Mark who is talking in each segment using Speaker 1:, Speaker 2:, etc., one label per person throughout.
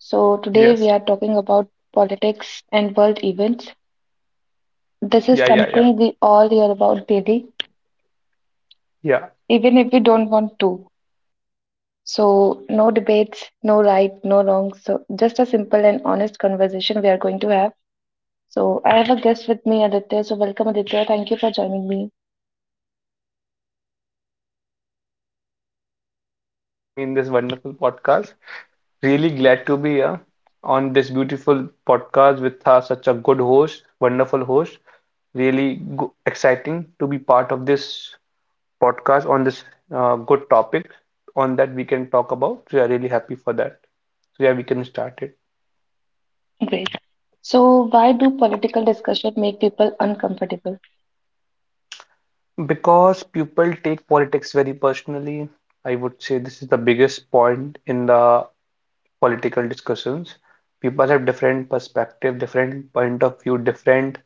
Speaker 1: So, today
Speaker 2: Yes.
Speaker 1: we are talking about politics and world events. This is
Speaker 2: Yeah, yeah, yeah.
Speaker 1: something we all hear about daily,
Speaker 2: Yeah.
Speaker 1: even if we don't want to. So, no debates, no right, no wrong. So, just a simple and honest conversation we are going to have. So, I have a guest with me, Aditya. So, welcome, Aditya. Thank you for joining me.
Speaker 2: For having me in this wonderful podcast. Really glad to be here on this beautiful podcast with such a good host, wonderful host. Really go exciting to be part of this podcast on this good topic on that we can talk about. So, yeah, really happy for that. So, yeah, we can start it.
Speaker 1: Great. So, why do political discussion make people uncomfortable?
Speaker 2: Because people take politics very personally, I would say this is the biggest point in the political discussions. People have different perspective, different point of view, different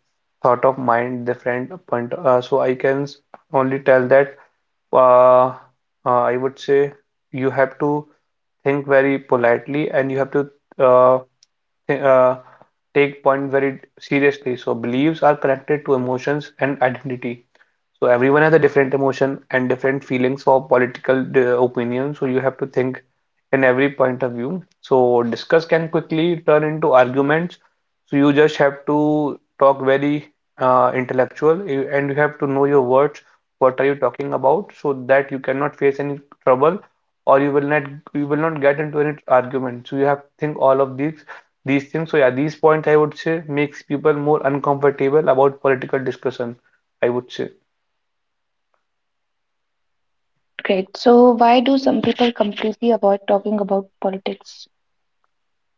Speaker 2: thought of mind, different point. So I can only tell that uh, I would say you have to think very politely and you have to uh, th take point very seriously. So beliefs are connected to emotions and identity. So everyone has a different emotion and different feelings for political opinion. So you have to think in every point of view. So discuss can quickly turn into arguments. So you just have to talk very intellectual and you have to know your words. What are you talking about? So that you cannot face any trouble or you will not get into any argument. So you have to think all of these things. So yeah, these points I would say makes people more uncomfortable about political discussion. I would say.
Speaker 1: Great. So, why do some people completely avoid talking about politics?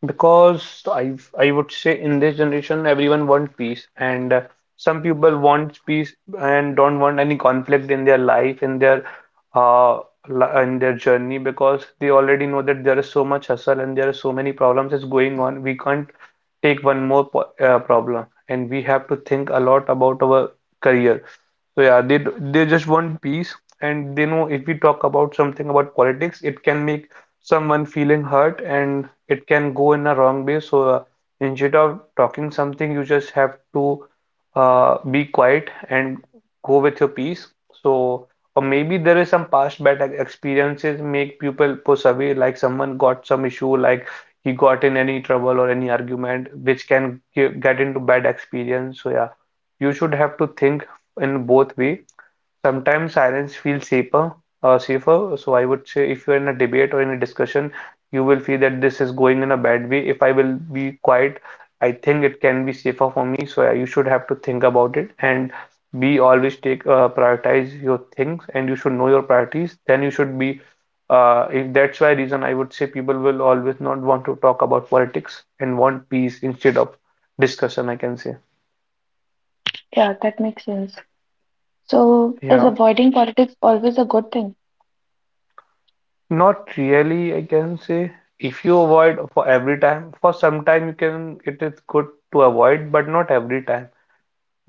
Speaker 2: Because I would say in this generation everyone wants peace and some people want peace and don't want any conflict in their life in their uh in their journey because they already know that there is so much hustle and there are so many problems is going on. We can't take one more po problem and we have to think a lot about our career. So yeah, they just want peace and they know if we talk about something about politics, it can make someone feeling hurt and it can go in a wrong way. So instead of talking something, you just have to be quiet and go with your peace. So, or maybe there is some past bad experiences make people push away, like someone got some issue, like he got in any trouble or any argument, which can get into bad experience. So yeah, you should have to think in both way. Sometimes silence feels safer, So I would say if you're in a debate or in a discussion, you will feel that this is going in a bad way. If I will be quiet, I think it can be safer for me. So you should have to think about it and be always take prioritize your things and you should know your priorities. Then you should be if that's why reason I would say people will always not want to talk about politics and want peace instead of discussion, I can say.
Speaker 1: Yeah, that makes sense. So, is
Speaker 2: Yeah.
Speaker 1: avoiding politics always a good thing?
Speaker 2: Not really, I can say. If you avoid for every time, for some time you can, it is good to avoid, but not every time.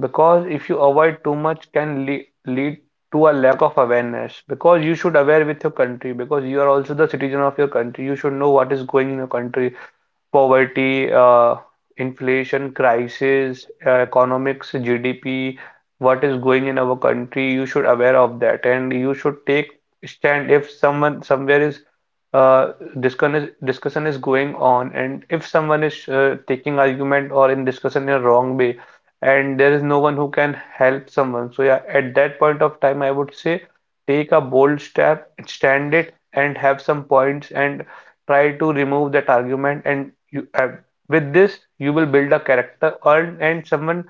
Speaker 2: Because if you avoid too much can le lead to a lack of awareness. Because you should aware with your country, because you are also the citizen of your country. You should know what is going in your country poverty, inflation, crisis, economics, GDP, what is going in our country, you should aware of that and you should take stand if someone somewhere is uh, discussion is going on and if someone is taking argument or in discussion in a wrong way and there is no one who can help someone. So yeah, at that point of time, I would say take a bold step, stand it, and have some points and try to remove that argument and you with this you will build a character or and someone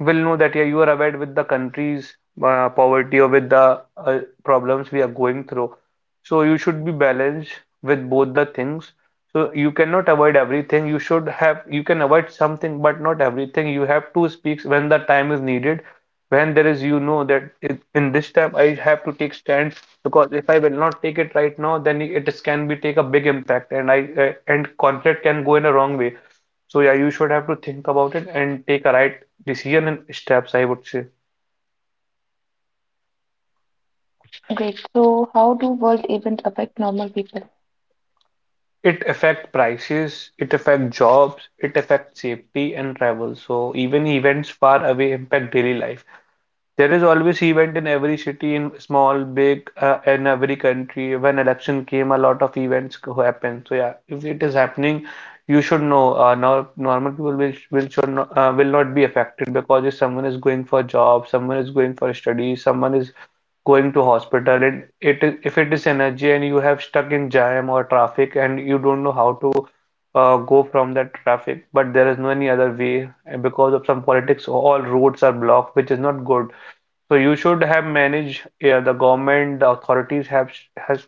Speaker 2: will know that yeah, you are aware with the country's poverty or with the problems we are going through. So you should be balanced with both the things. So you cannot avoid everything. You should have you can avoid something, but not everything. You have to speak when the time is needed when there is you know that it, in this time I have to take stand because if I will not take it right now then it is, can be take a big impact and I and conflict can go in a wrong way. So yeah, you should have to think about it and take a right decision and steps, I would say.
Speaker 1: Great. So, how do world events affect normal people?
Speaker 2: It affect prices, it affect jobs, it affect safety and travel, so even events far away impact daily life. There is always event in every city, in small, big, in every country. When election came, a lot of events happen. So yeah, if it is happening, you should know. Now normal people will should not, will not be affected because if someone is going for job, someone is going for study, someone is going to hospital and it is if it is energy and you have stuck in jam or traffic and you don't know how to go from that traffic but there is no any other way and because of some politics all roads are blocked, which is not good, so you should have managed. Yeah, the government, the authorities have has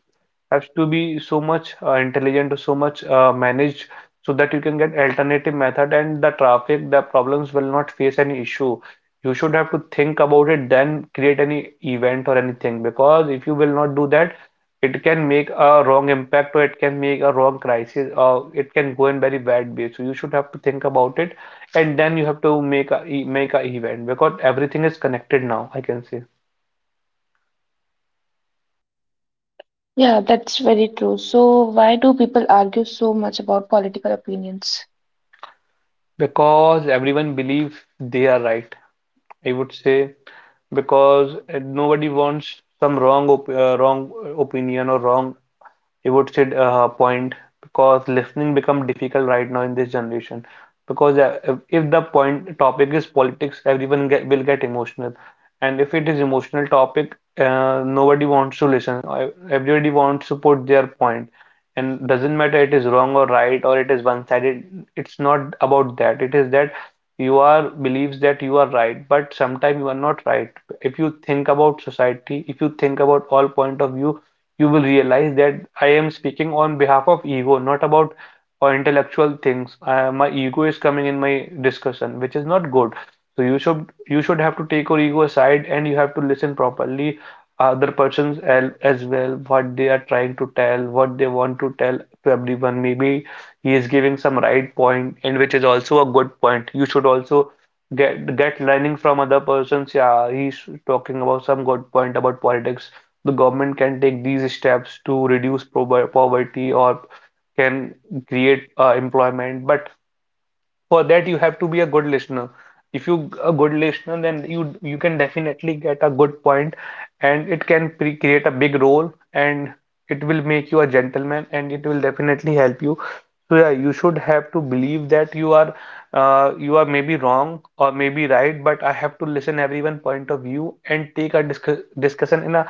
Speaker 2: has to be so much intelligent, so much managed, so that you can get alternative method and the traffic, the problems will not face any issue. You should have to think about it, then create any event or anything. Because if you will not do that, it can make a wrong impact or it can make a wrong crisis or it can go in very bad way. So you should have to think about it and then you have to make make a event because everything is connected now, I can say.
Speaker 1: Yeah, that's very true. So, why do people argue so much about political opinions?
Speaker 2: Because everyone believe they are right, I would say. Because nobody wants some wrong op wrong opinion or wrong. You would say point, because listening become difficult right now in this generation. Because if the point topic is politics, everyone will get emotional, and if it is emotional topic, nobody wants to listen. Everybody wants to put their point, and doesn't matter it is wrong or right or it is one-sided. It's not about that. It is that you are believes that you are right, but sometimes you are not right. If you think about society, if you think about all point of view you will realize that I am speaking on behalf of ego, not about or intellectual things. My ego is coming in my discussion, which is not good. So you should have to take your ego aside and you have to listen properly other persons as well what they are trying to tell, what they want to tell to everyone. Maybe he is giving some right point and which is also a good point. You should also get learning from other persons. Yeah, he's talking about some good point about politics the government can take these steps to reduce poverty or can create employment. But for that, you have to be a good listener. If you a good listener, then you can definitely get a good point, and it can pre create a big role, and it will make you a gentleman, and it will definitely help you. So yeah, you should have to believe that you are maybe wrong or maybe right, but I have to listen everyone point of view and take a discu discussion in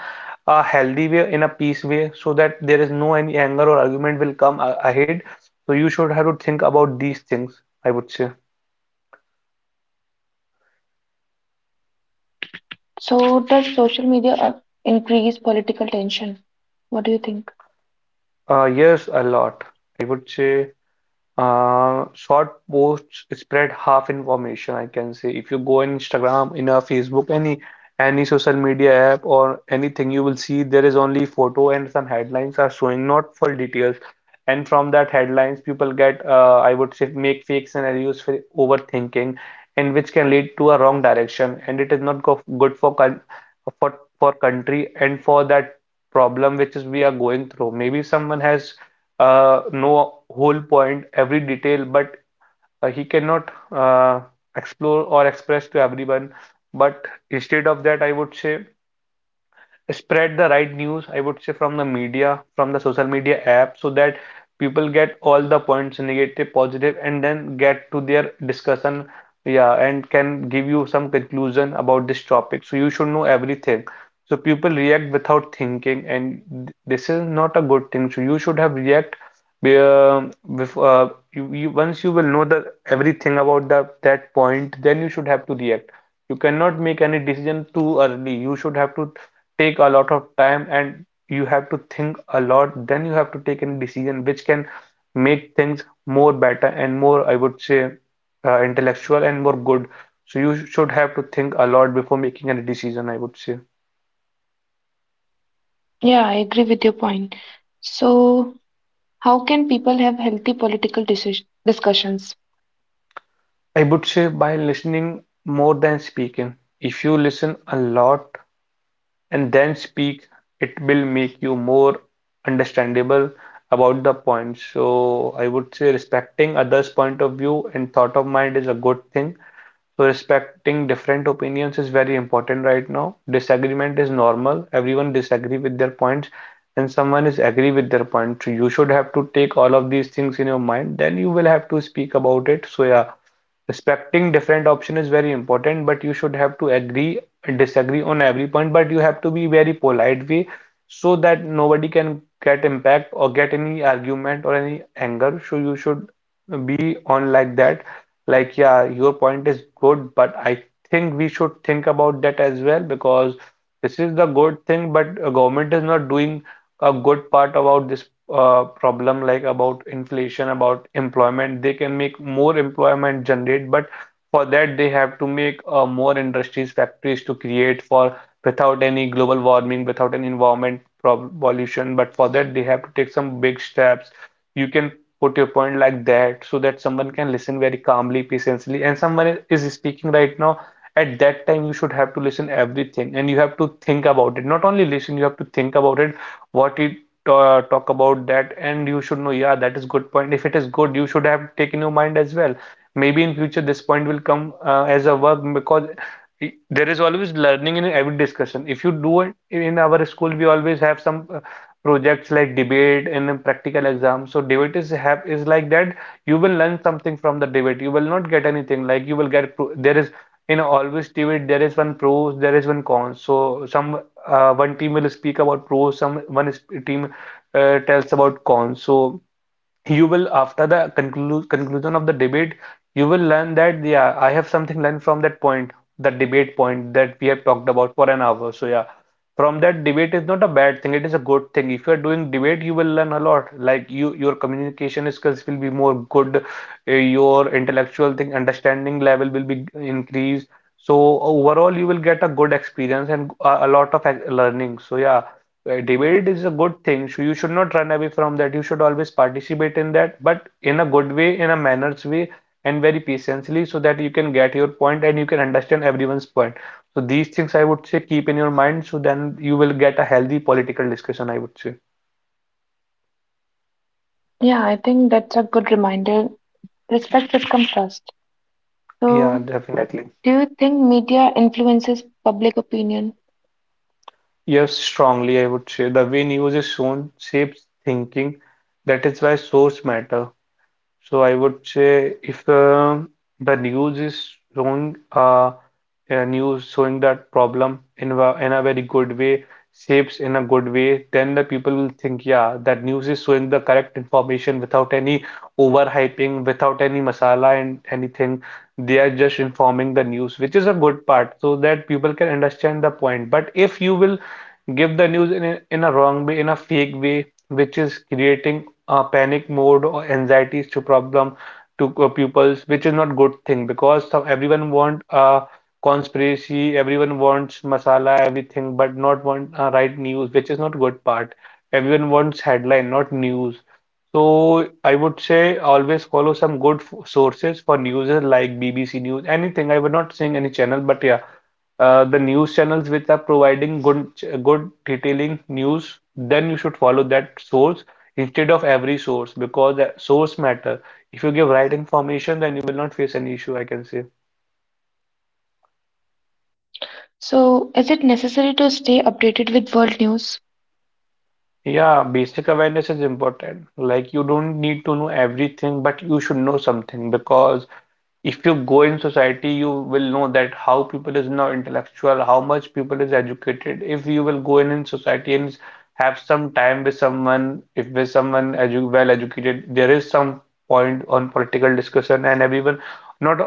Speaker 2: a healthy way, in a peace way, so that there is no any anger or argument will come a ahead. So you should have to think about these things, I would say.
Speaker 1: So, does social media increase political tension? What do you think?
Speaker 2: Yes a lot, I would say. Short posts spread half information, I can say. If you go on Instagram, in a Facebook, any social media app or anything, you will see there is only photo and some headlines are showing, not full details. And from that headlines, people get, I would say, make fake scenarios for overthinking, and which can lead to a wrong direction. And it is not go good for con for country and for that problem which is we are going through. Maybe someone has know whole point, every detail, but he cannot explore or express to everyone. But instead of that, I would say spread the right news, I would say, from the media, from the social media app, so that people get all the points, negative, positive, and then get to their discussion. Yeah, and can give you some conclusion about this topic. So you should know everything. So people react without thinking, and this is not a good thing. So you should have react be- bef you once you will know the everything about the that point, then you should have to react. You cannot make any decision too early. You should have to take a lot of time, and you have to think a lot, then you have to take a decision which can make things more better and more, I would say, intellectual and more good. So you should have to think a lot before making any decision, I would say.
Speaker 1: Yeah, I agree with your point. So, how can people have healthy political decision discussions?
Speaker 2: I would say by listening more than speaking. If you listen a lot and then speak, it will make you more understandable about the point. So I would say respecting others point of view and thought of mind is a good thing. So respecting different opinions is very important right now. Disagreement is normal. Everyone disagree with their points and someone is agree with their point. So you should have to take all of these things in your mind. Then you will have to speak about it. So yeah, respecting different option is very important, but you should have to agree and disagree on every point, but you have to be very polite way so that nobody can get impact or get any argument or any anger. So you should be on like that. Like, yeah, your point is good, but I think we should think about that as well because this is the good thing, but government is not doing a good part about this problem, like about inflation, about employment. They can make more employment generate, but for that they have to make more industries, factories to create for without any global warming, without any environment pollution. But for that they have to take some big steps. You can put your point like that so that someone can listen very calmly, patiently, and someone is speaking right now. At that time, you should have to listen everything and you have to think about it. Not only listen, you have to think about it what it talk about that, and you should know, yeah, that is good point. If it is good, you should have taken your mind as well. Maybe in future this point will come as a work, because there is always learning in every discussion. If you do it, in our school we always have some projects like debate and then practical exam. So debate is have is like that. You will learn something from the debate. You will not get anything. Like, you will get there is, in always debate there is one pros, there is one cons. So some, one team will speak about pros, team tells about cons. So you will, after the conclusion of the debate, you will learn that, yeah, I have something learned from that point, that debate point that we have talked about for an hour. So yeah, from that, debate is not a bad thing, it is a good thing. If you are doing debate, you will learn a lot. Like, your communication skills will be more good. Uh, your intellectual thing understanding level will be increased. So overall you will get a good experience and a lot of learning. So yeah, debate is a good thing. So you should not run away from that. You should always participate in that, but in a good way, in a manners way, and very patiently, so that you can get your point and you can understand everyone's point. So these things, I would say, keep in your mind, so then you will get a healthy political discussion, I would say.
Speaker 1: Yeah, I think that's a good reminder. Respect should come first.
Speaker 2: Yeah,
Speaker 1: So,
Speaker 2: definitely.
Speaker 1: do you think media influences public opinion?
Speaker 2: Yes, strongly, I would say. The way news is shown shapes thinking. That is why source matter. So I would say, if the news is showing, a news showing that problem in in a very good way, shapes in a good way, then the people will think, yeah, that news is showing the correct information without any overhyping, without any masala and anything. They are just informing the news, which is a good part, so that people can understand the point. But if you will give the news in in a wrong way, in a fake way, which is creating panic mode or anxieties to problem to pupils, which is not good thing, because some, everyone want conspiracy, everyone wants masala, everything, but not want right news, which is not good part. Everyone wants headline, not news. So I would say always follow some good f sources for news like BBC News, anything. I would not saying any channel, but yeah, the news channels which are providing good good detailing news, then you should follow that source instead of every source because the source matter. If you give right information, then you will not face any issue, I can say.
Speaker 1: So, is it necessary to stay updated with world news?
Speaker 2: Yeah, basic awareness is important. Like, you don't need to know everything, but you should know something, because if you go in society you will know that how people is now intellectual, how much people is educated. If you will go in society and have some time with someone, if with someone edu well educated, there is some point on political discussion, and everyone, not,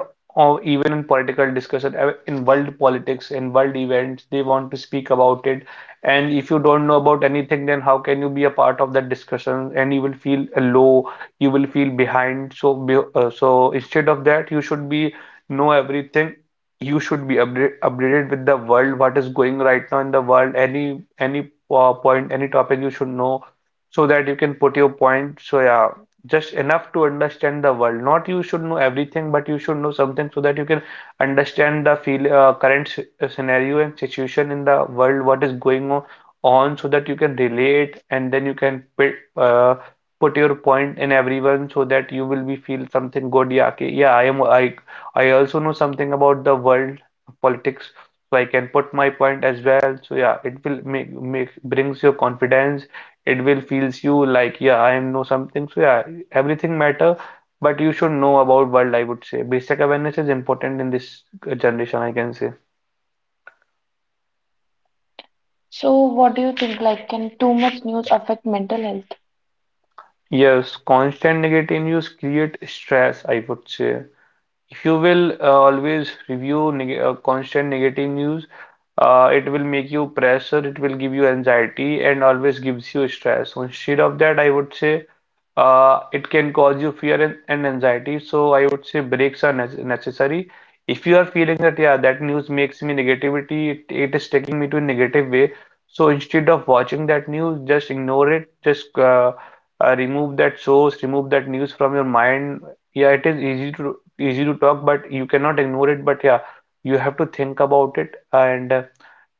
Speaker 2: or even in political discussion, in world politics, in world events, they want to speak about it. And if you don't know about anything, then how can you be a part of that discussion, and you will feel low, you will feel behind. So, so instead of that, you should be know everything. You should be updated with the world, what is going right now in the world, any point, any topic you should know, so that you can put your point. So yeah, just enough to understand the world. Not you should know everything, but you should know something so that you can understand the feel current scenario and situation in the world, what is going on so that you can relate and then you can put, put your point in everyone so that you will be feel something good. Yeah, okay. Yeah, I am. I also know something about the world politics, so I can put my point as well. So yeah, it will make brings your confidence. It will feels you like, yeah, I am know something. So yeah, everything matter, but you should know about world. I would say basic awareness is important in this generation, I can say.
Speaker 1: So, what do you think? Like, can too much news affect mental health?
Speaker 2: Yes, constant negative news create stress, I would say. If you will always review neg constant negative news, it will make you pressure, it will give you anxiety, and always gives you stress. So instead of that, I would say, it can cause you fear and anxiety. So I would say breaks are necessary. If you are feeling that, yeah, that news makes me negativity, it is taking me to a negative way. So instead of watching that news, just ignore it. Just remove that source, remove that news from your mind. Yeah, it is easy to talk, but you cannot ignore it. But yeah, you have to think about it, and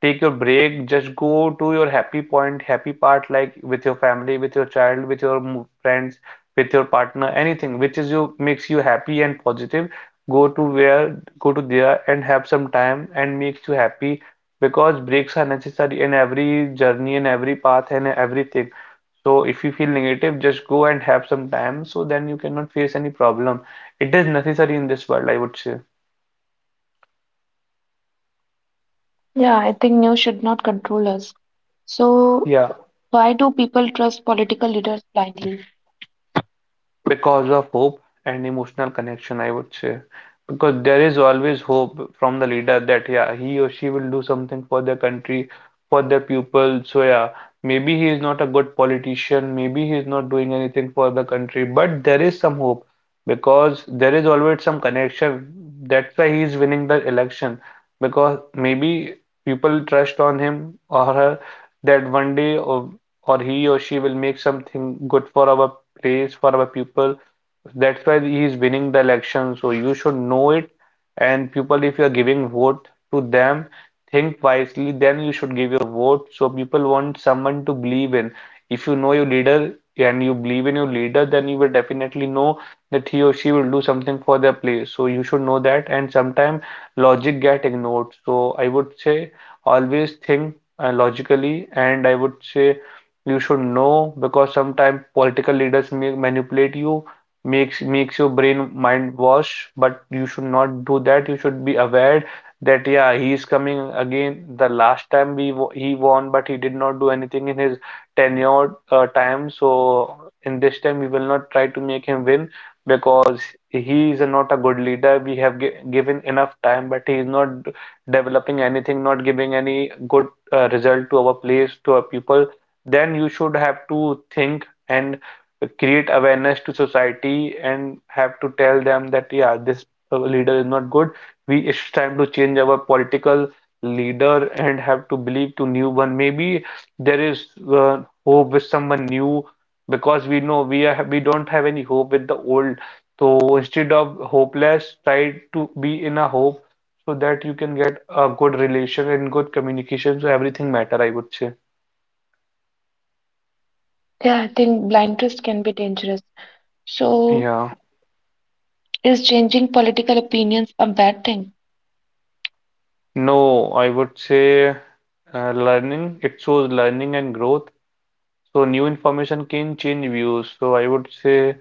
Speaker 2: take your break, just go to your happy point, happy part, like with your family, with your child, with your friends, with your partner, anything which is you makes you happy and positive. Go to where go to there and have some time and makes you happy, because breaks are necessary in every journey, in every path, and everything. So if you feel negative, just go and have some time, so then you cannot face any problem. It is necessary in this world, I would say.
Speaker 1: Yeah, I think news should not control us. So,
Speaker 2: Yeah.
Speaker 1: why do people trust political leaders blindly?
Speaker 2: Because of hope and emotional connection, I would say. Because there is always hope from the leader that, yeah, he or she will do something for their country, for their people. So yeah, maybe he is not a good politician, maybe he is not doing anything for the country, but there is some hope, because there is always some connection. That's why he is winning the election, because maybe people trust on him or her, that one day or he or she will make something good for our place, for our people. That's why he is winning the election. So you should know it. And people, if you are giving vote to them, think wisely. Then you should give your vote. So people want someone to believe in. If you know your leader and you believe in your leader, then you will definitely know that he or she will do something for their place. So you should know that. And sometimes logic get ignored. So I would say always think logically, and I would say you should know because sometimes political leaders may manipulate you, makes your brain mind wash, but you should not do that. You should be aware that yeah, he is coming again. The last time he won, but he did not do anything in his tenure time. So in this time, we will not try to make him win because he is not a good leader. We have gi given enough time, but he is not developing anything, not giving any good result to our place, to our people. Then you should have to think and create awareness to society and have to tell them that yeah, this leader is not good. We, it's time to change our political leader and have to believe to new one. Maybe there is hope with someone new, because we know we don't have any hope with the old. So instead of hopeless, try to be in a hope, so that you can get a good relation and good communication. So everything matter, I would say.
Speaker 1: Yeah, I think blind trust can be dangerous. So,
Speaker 2: Yeah.
Speaker 1: is changing political opinions a bad thing?
Speaker 2: No, I would say learning. It shows learning and growth. So new information can change views. So I would say,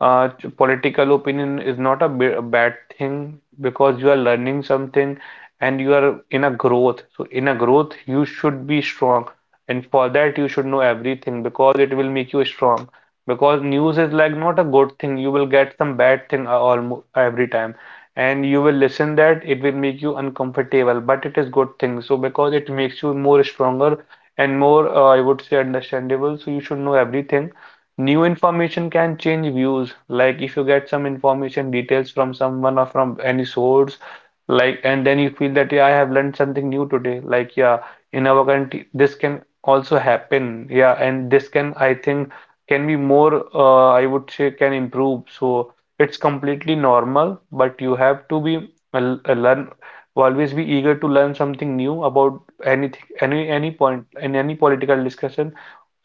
Speaker 2: political opinion is not a, b a bad thing, because you are learning something and you are in a growth. So in a growth, you should be strong. And for that, you should know everything because it will make you strong. Because news is like not a good thing. You will get some bad thing almost every time. And you will listen that it will make you uncomfortable, but it is good thing. So because it makes you more stronger and more, I would say, understandable. So you should know everything. New information can change views. Like, if you get some information details from someone or from any source, like, and then you feel that, yeah, I have learned something new today. Like, yeah, in our country, this can also happen. Yeah, and this can, I think, can be more, I would say, can improve. So it's completely normal, but you have to be, learn, always be eager to learn something new about anything, any point in any political discussion.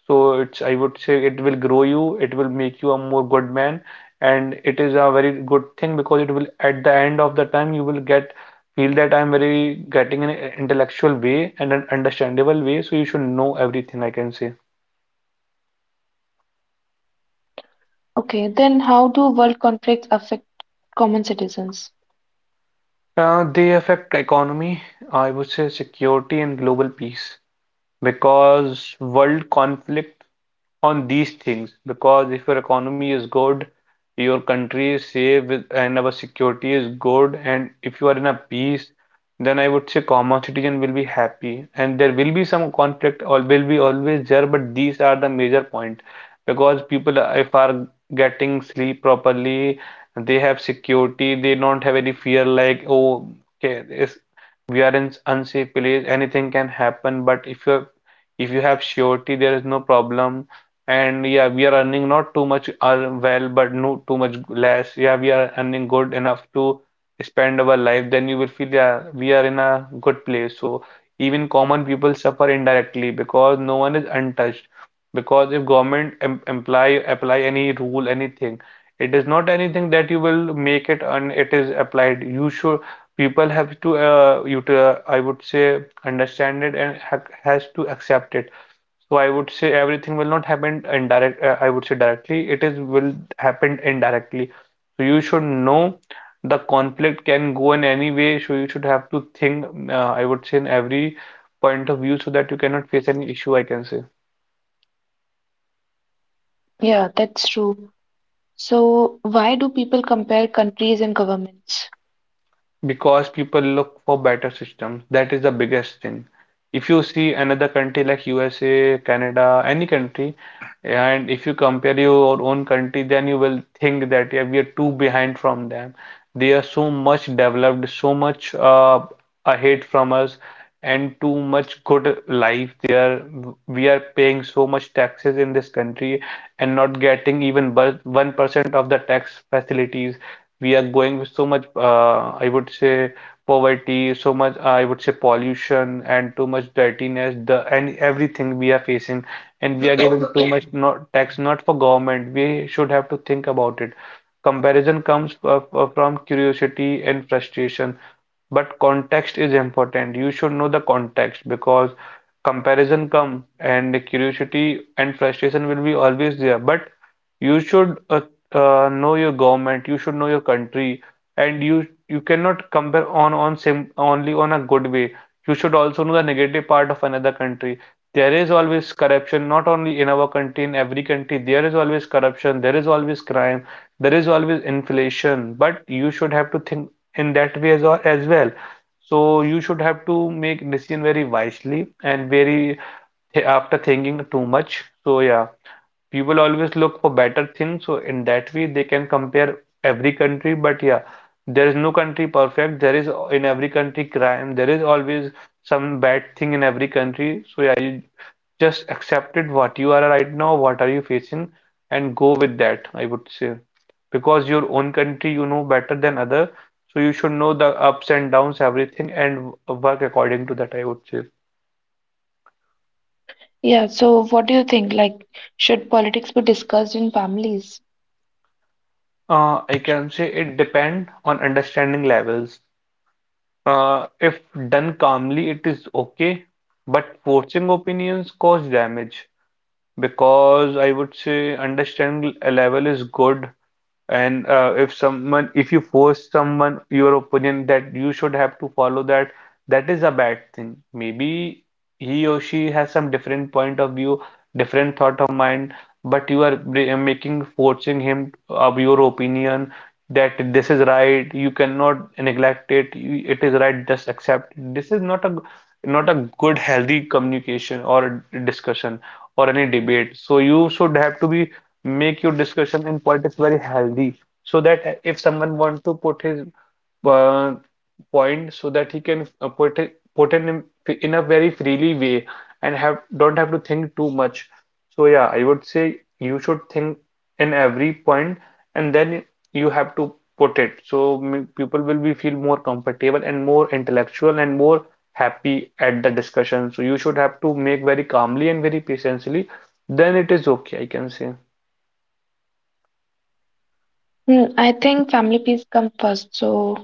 Speaker 2: So it's, I would say, it will grow you, it will make you a more good man, and it is a very good thing, because it will, at the end of the time, you will get feel that I'm very getting an intellectual way and an understandable way. So you should know everything, I can say.
Speaker 1: Okay, then how do world conflicts affect common citizens?
Speaker 2: They affect economy, I would say, security and global peace, because world conflict on these things. Because if your economy is good, your country is and our security is good, and if you are in a peace, then I would say common citizen will be happy, and there will be some conflict or will be always there, but these are the major point. Because people, if are getting sleep properly, they have security, they don't have any fear like, oh, okay, is we are in unsafe place, anything can happen. But if you, if you have surety, there is no problem. And yeah, we are earning not too much well, but no too much less. Yeah, we are earning good enough to spend our life, then you will feel, yeah, we are in a good place. So even common people suffer indirectly, because no one is untouched. Because if government apply any rule, anything, it is not anything that you will make it and it is applied. You should, people have to, you to, I would say, understand it and ha has to accept it. So I would say everything will not happen indirect, I would say, directly. It is will happen indirectly. So you should know the conflict can go in any way. So you should have to think, I would say, in every point of view, so that you cannot face any issue, I can say.
Speaker 1: Yeah, that's true. So, why do people compare countries and governments?
Speaker 2: Because people look for better systems. That is the biggest thing. If you see another country like USA, Canada, any country, and if you compare your own country, then you will think that yeah, we are too behind from them. They are so much developed, so much ahead from us, and too much good life there. We are paying so much taxes in this country and not getting even 1% of the tax facilities. We are going with so much, I would say, poverty, so much, I would say, pollution and too much dirtiness, the and everything we are facing, and we are giving too much not tax not for government. We should have to think about it. Comparison comes from curiosity and frustration, but context is important. You should know the context, because comparison come and curiosity and frustration will be always there. But you should know your government, you should know your country, and you cannot compare on sim only on a good way. You should also know the negative part of another country. There is always corruption, not only in our country, in every country. There is always corruption, there is always crime, there is always inflation. But you should have to think in that way as, as well. So you should have to make decision very wisely and very after thinking too much. So yeah, people always look for better things, so in that way they can compare every country. But yeah, there is no country perfect. There is in every country crime, there is always some bad thing in every country. So yeah, you just accept it what you are right now, what are you facing, and go with that, I would say. Because your own country you know better than other. So you should know the ups and downs everything, and work according to that, I would say.
Speaker 1: Yeah, so what do you think? Like, should politics be discussed in families?
Speaker 2: I can say it depend on understanding levels. If done calmly, it is okay, but forcing opinions cause damage, because I would say understanding level is good. And if someone, if you force someone your opinion that you should have to follow that, that is a bad thing. Maybe he or she has some different point of view, different thought of mind, but you are bri- making forcing him of your opinion that this is right. You cannot neglect it. You, it is right. Just accept. This is not a not a good healthy communication or discussion or any debate. So you should have to be make your discussion in politics very healthy, so that if someone want to put his uh, point, so that he can put it in a very freely way, and have don't have to think too much. So yeah, I would say you should think in every point, and then you have to put it. So people will be feel more comfortable and more intellectual and more happy at the discussion. So you should have to make very calmly and very patiently, then it is okay, I can say.
Speaker 1: Hmm, I think family peace comes first. So,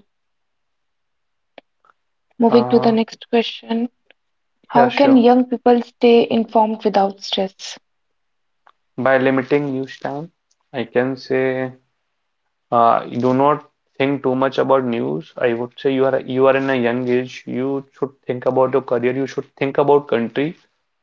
Speaker 1: moving to the
Speaker 2: Uh,
Speaker 1: next question,
Speaker 2: yeah,
Speaker 1: how can
Speaker 2: sure.
Speaker 1: young people stay informed without stress?
Speaker 2: By limiting news time, I can say, you do not think too much about news. I would say you are, you are in a young age. You should think about your career. You should think about country.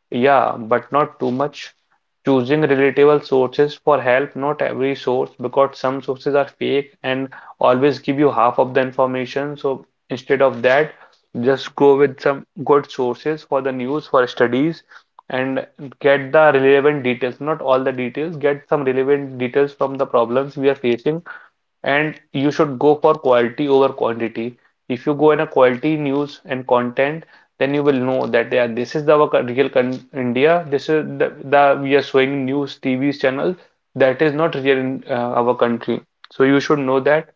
Speaker 2: Yeah, but not too much. Choosing relatable sources for help, not every source, because some sources are fake and always give you half of the information. So instead of that, just go with some good sources for the news, for studies, and get the relevant details. Not all the details, get some relevant details from the problems we are facing, and you should go for quality over quantity. If you go in a quality news and content, then you will know that yeah, this is the real con India. This is the we are showing news TV channel, that is not real in our country. So you should know that.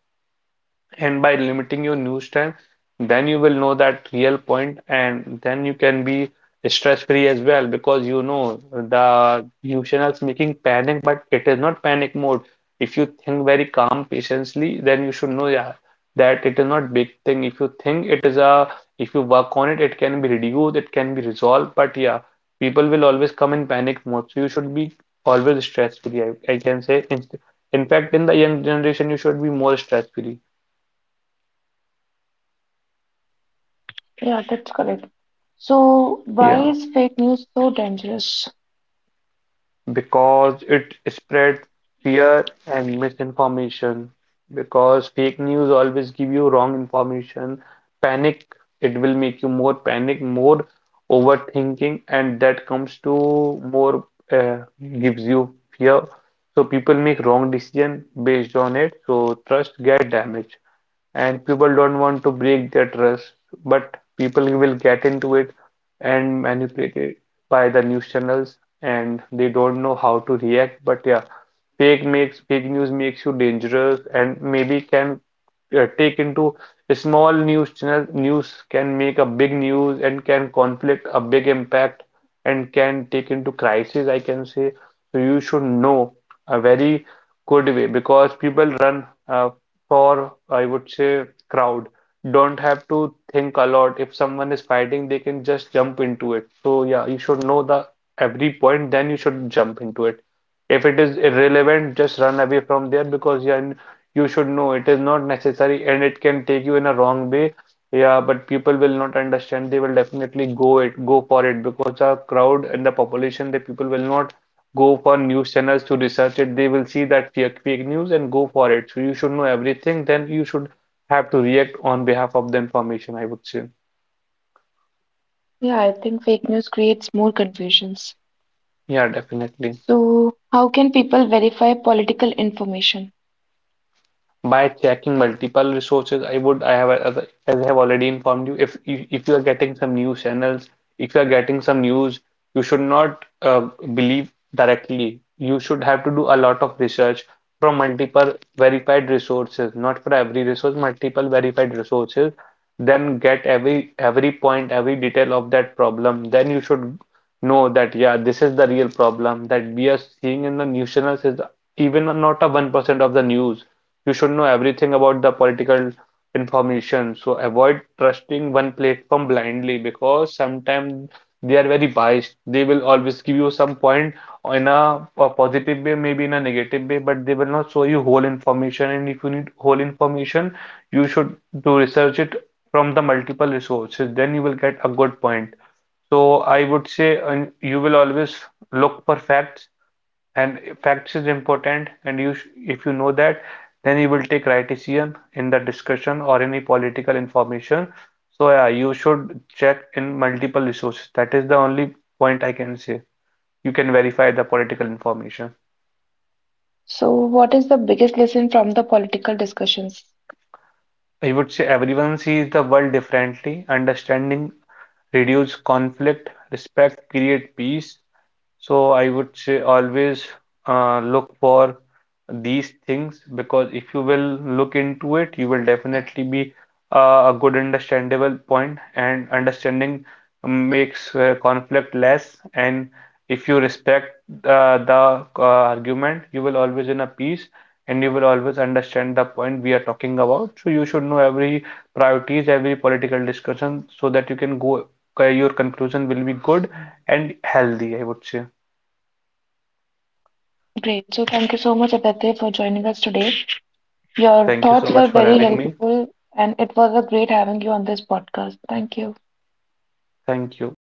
Speaker 2: And by limiting your news time, then you will know that real point, and then you can be stress free as well, because you know the news channels making panic, but it is not panic mode. If you think very calm patiently, then you should know, yeah, that it is not big thing. If you think it is a, if you work on it, it can be reduced, it can be resolved. But yeah, people will always come in panic mode. So you should be always stress free, I can say, in fact in the young generation, you should be more stress free.
Speaker 1: Yeah, that's correct. So, why
Speaker 2: Yeah,
Speaker 1: is fake news so dangerous?
Speaker 2: because it spreads fear and misinformation. Because fake news always give you wrong information, panic, it will make you more panic, more overthinking, and that comes to more uh, gives you fear. So people make wrong decision based on it. So trust get damaged, and people don't want to break their trust, but people will get into it and manipulated by the news channels and they don't know how to react. But yeah, fake news makes you dangerous and maybe can take into a small news channel news can make a big news and can conflict a big impact and can take into crisis, I can say. So you should know a very good way because people run for, I would say, crowd don't have to think a lot. If someone is fighting, they can just jump into it. So yeah, you should know the every point, then you should jump into it. If it is irrelevant, just run away from there because yeah, you should know it is not necessary and it can take you in a wrong way. Yeah, but people will not understand. They will definitely go for it because the crowd and the population, the people will not go for news channels to research it, they will see that fake news and go for it. So you should know everything, then you should have to react on behalf of the information, I would say.
Speaker 1: Yeah, I think fake news creates more confusions.
Speaker 2: Yeah, definitely.
Speaker 1: So, how can people verify political information?
Speaker 2: By checking multiple resources, I would I have as I have already informed you, if you are getting some news channels, if you are getting some news, you should not believe directly. You should have to do a lot of research from multiple verified resources, not for every resource, multiple verified resources. Then get every point, every detail of that problem, then you should know that yeah, this is the real problem that we are seeing in the news channels, is even not a 1% of the news. You should know everything about the political information. So avoid trusting one platform blindly because sometimes they are very biased. They will always give you some point in a positive way, maybe in a negative way, but they will not show you whole information. And if you need whole information, you should do research it from the multiple resources. Then you will get a good point. So I would say you will always look for facts, and facts is important, and you sh if you know that, then you will take right decision in the discussion or any political information. So yeah, you should check in multiple resources. That is the only point I can say you can verify the political information.
Speaker 1: So, what is the biggest lesson from the political discussions?
Speaker 2: I would say everyone sees the world differently. Understanding reduce conflict, respect create peace. So I would say always look for these things because if you will look into it, you will definitely be a good understandable point, and understanding makes conflict less. And if you respect the argument, you will always in a peace and you will always understand the point we are talking about. So you should know every priorities, every political discussion so that you can go, your conclusion will be good and healthy, I would say.
Speaker 1: Great. So, thank you so much, Aditya, for joining us today. Your
Speaker 2: Thank you so
Speaker 1: thoughts were
Speaker 2: much for
Speaker 1: very
Speaker 2: having me.
Speaker 1: helpful, and it was a great having you on this podcast. Thank you.
Speaker 2: Thank you.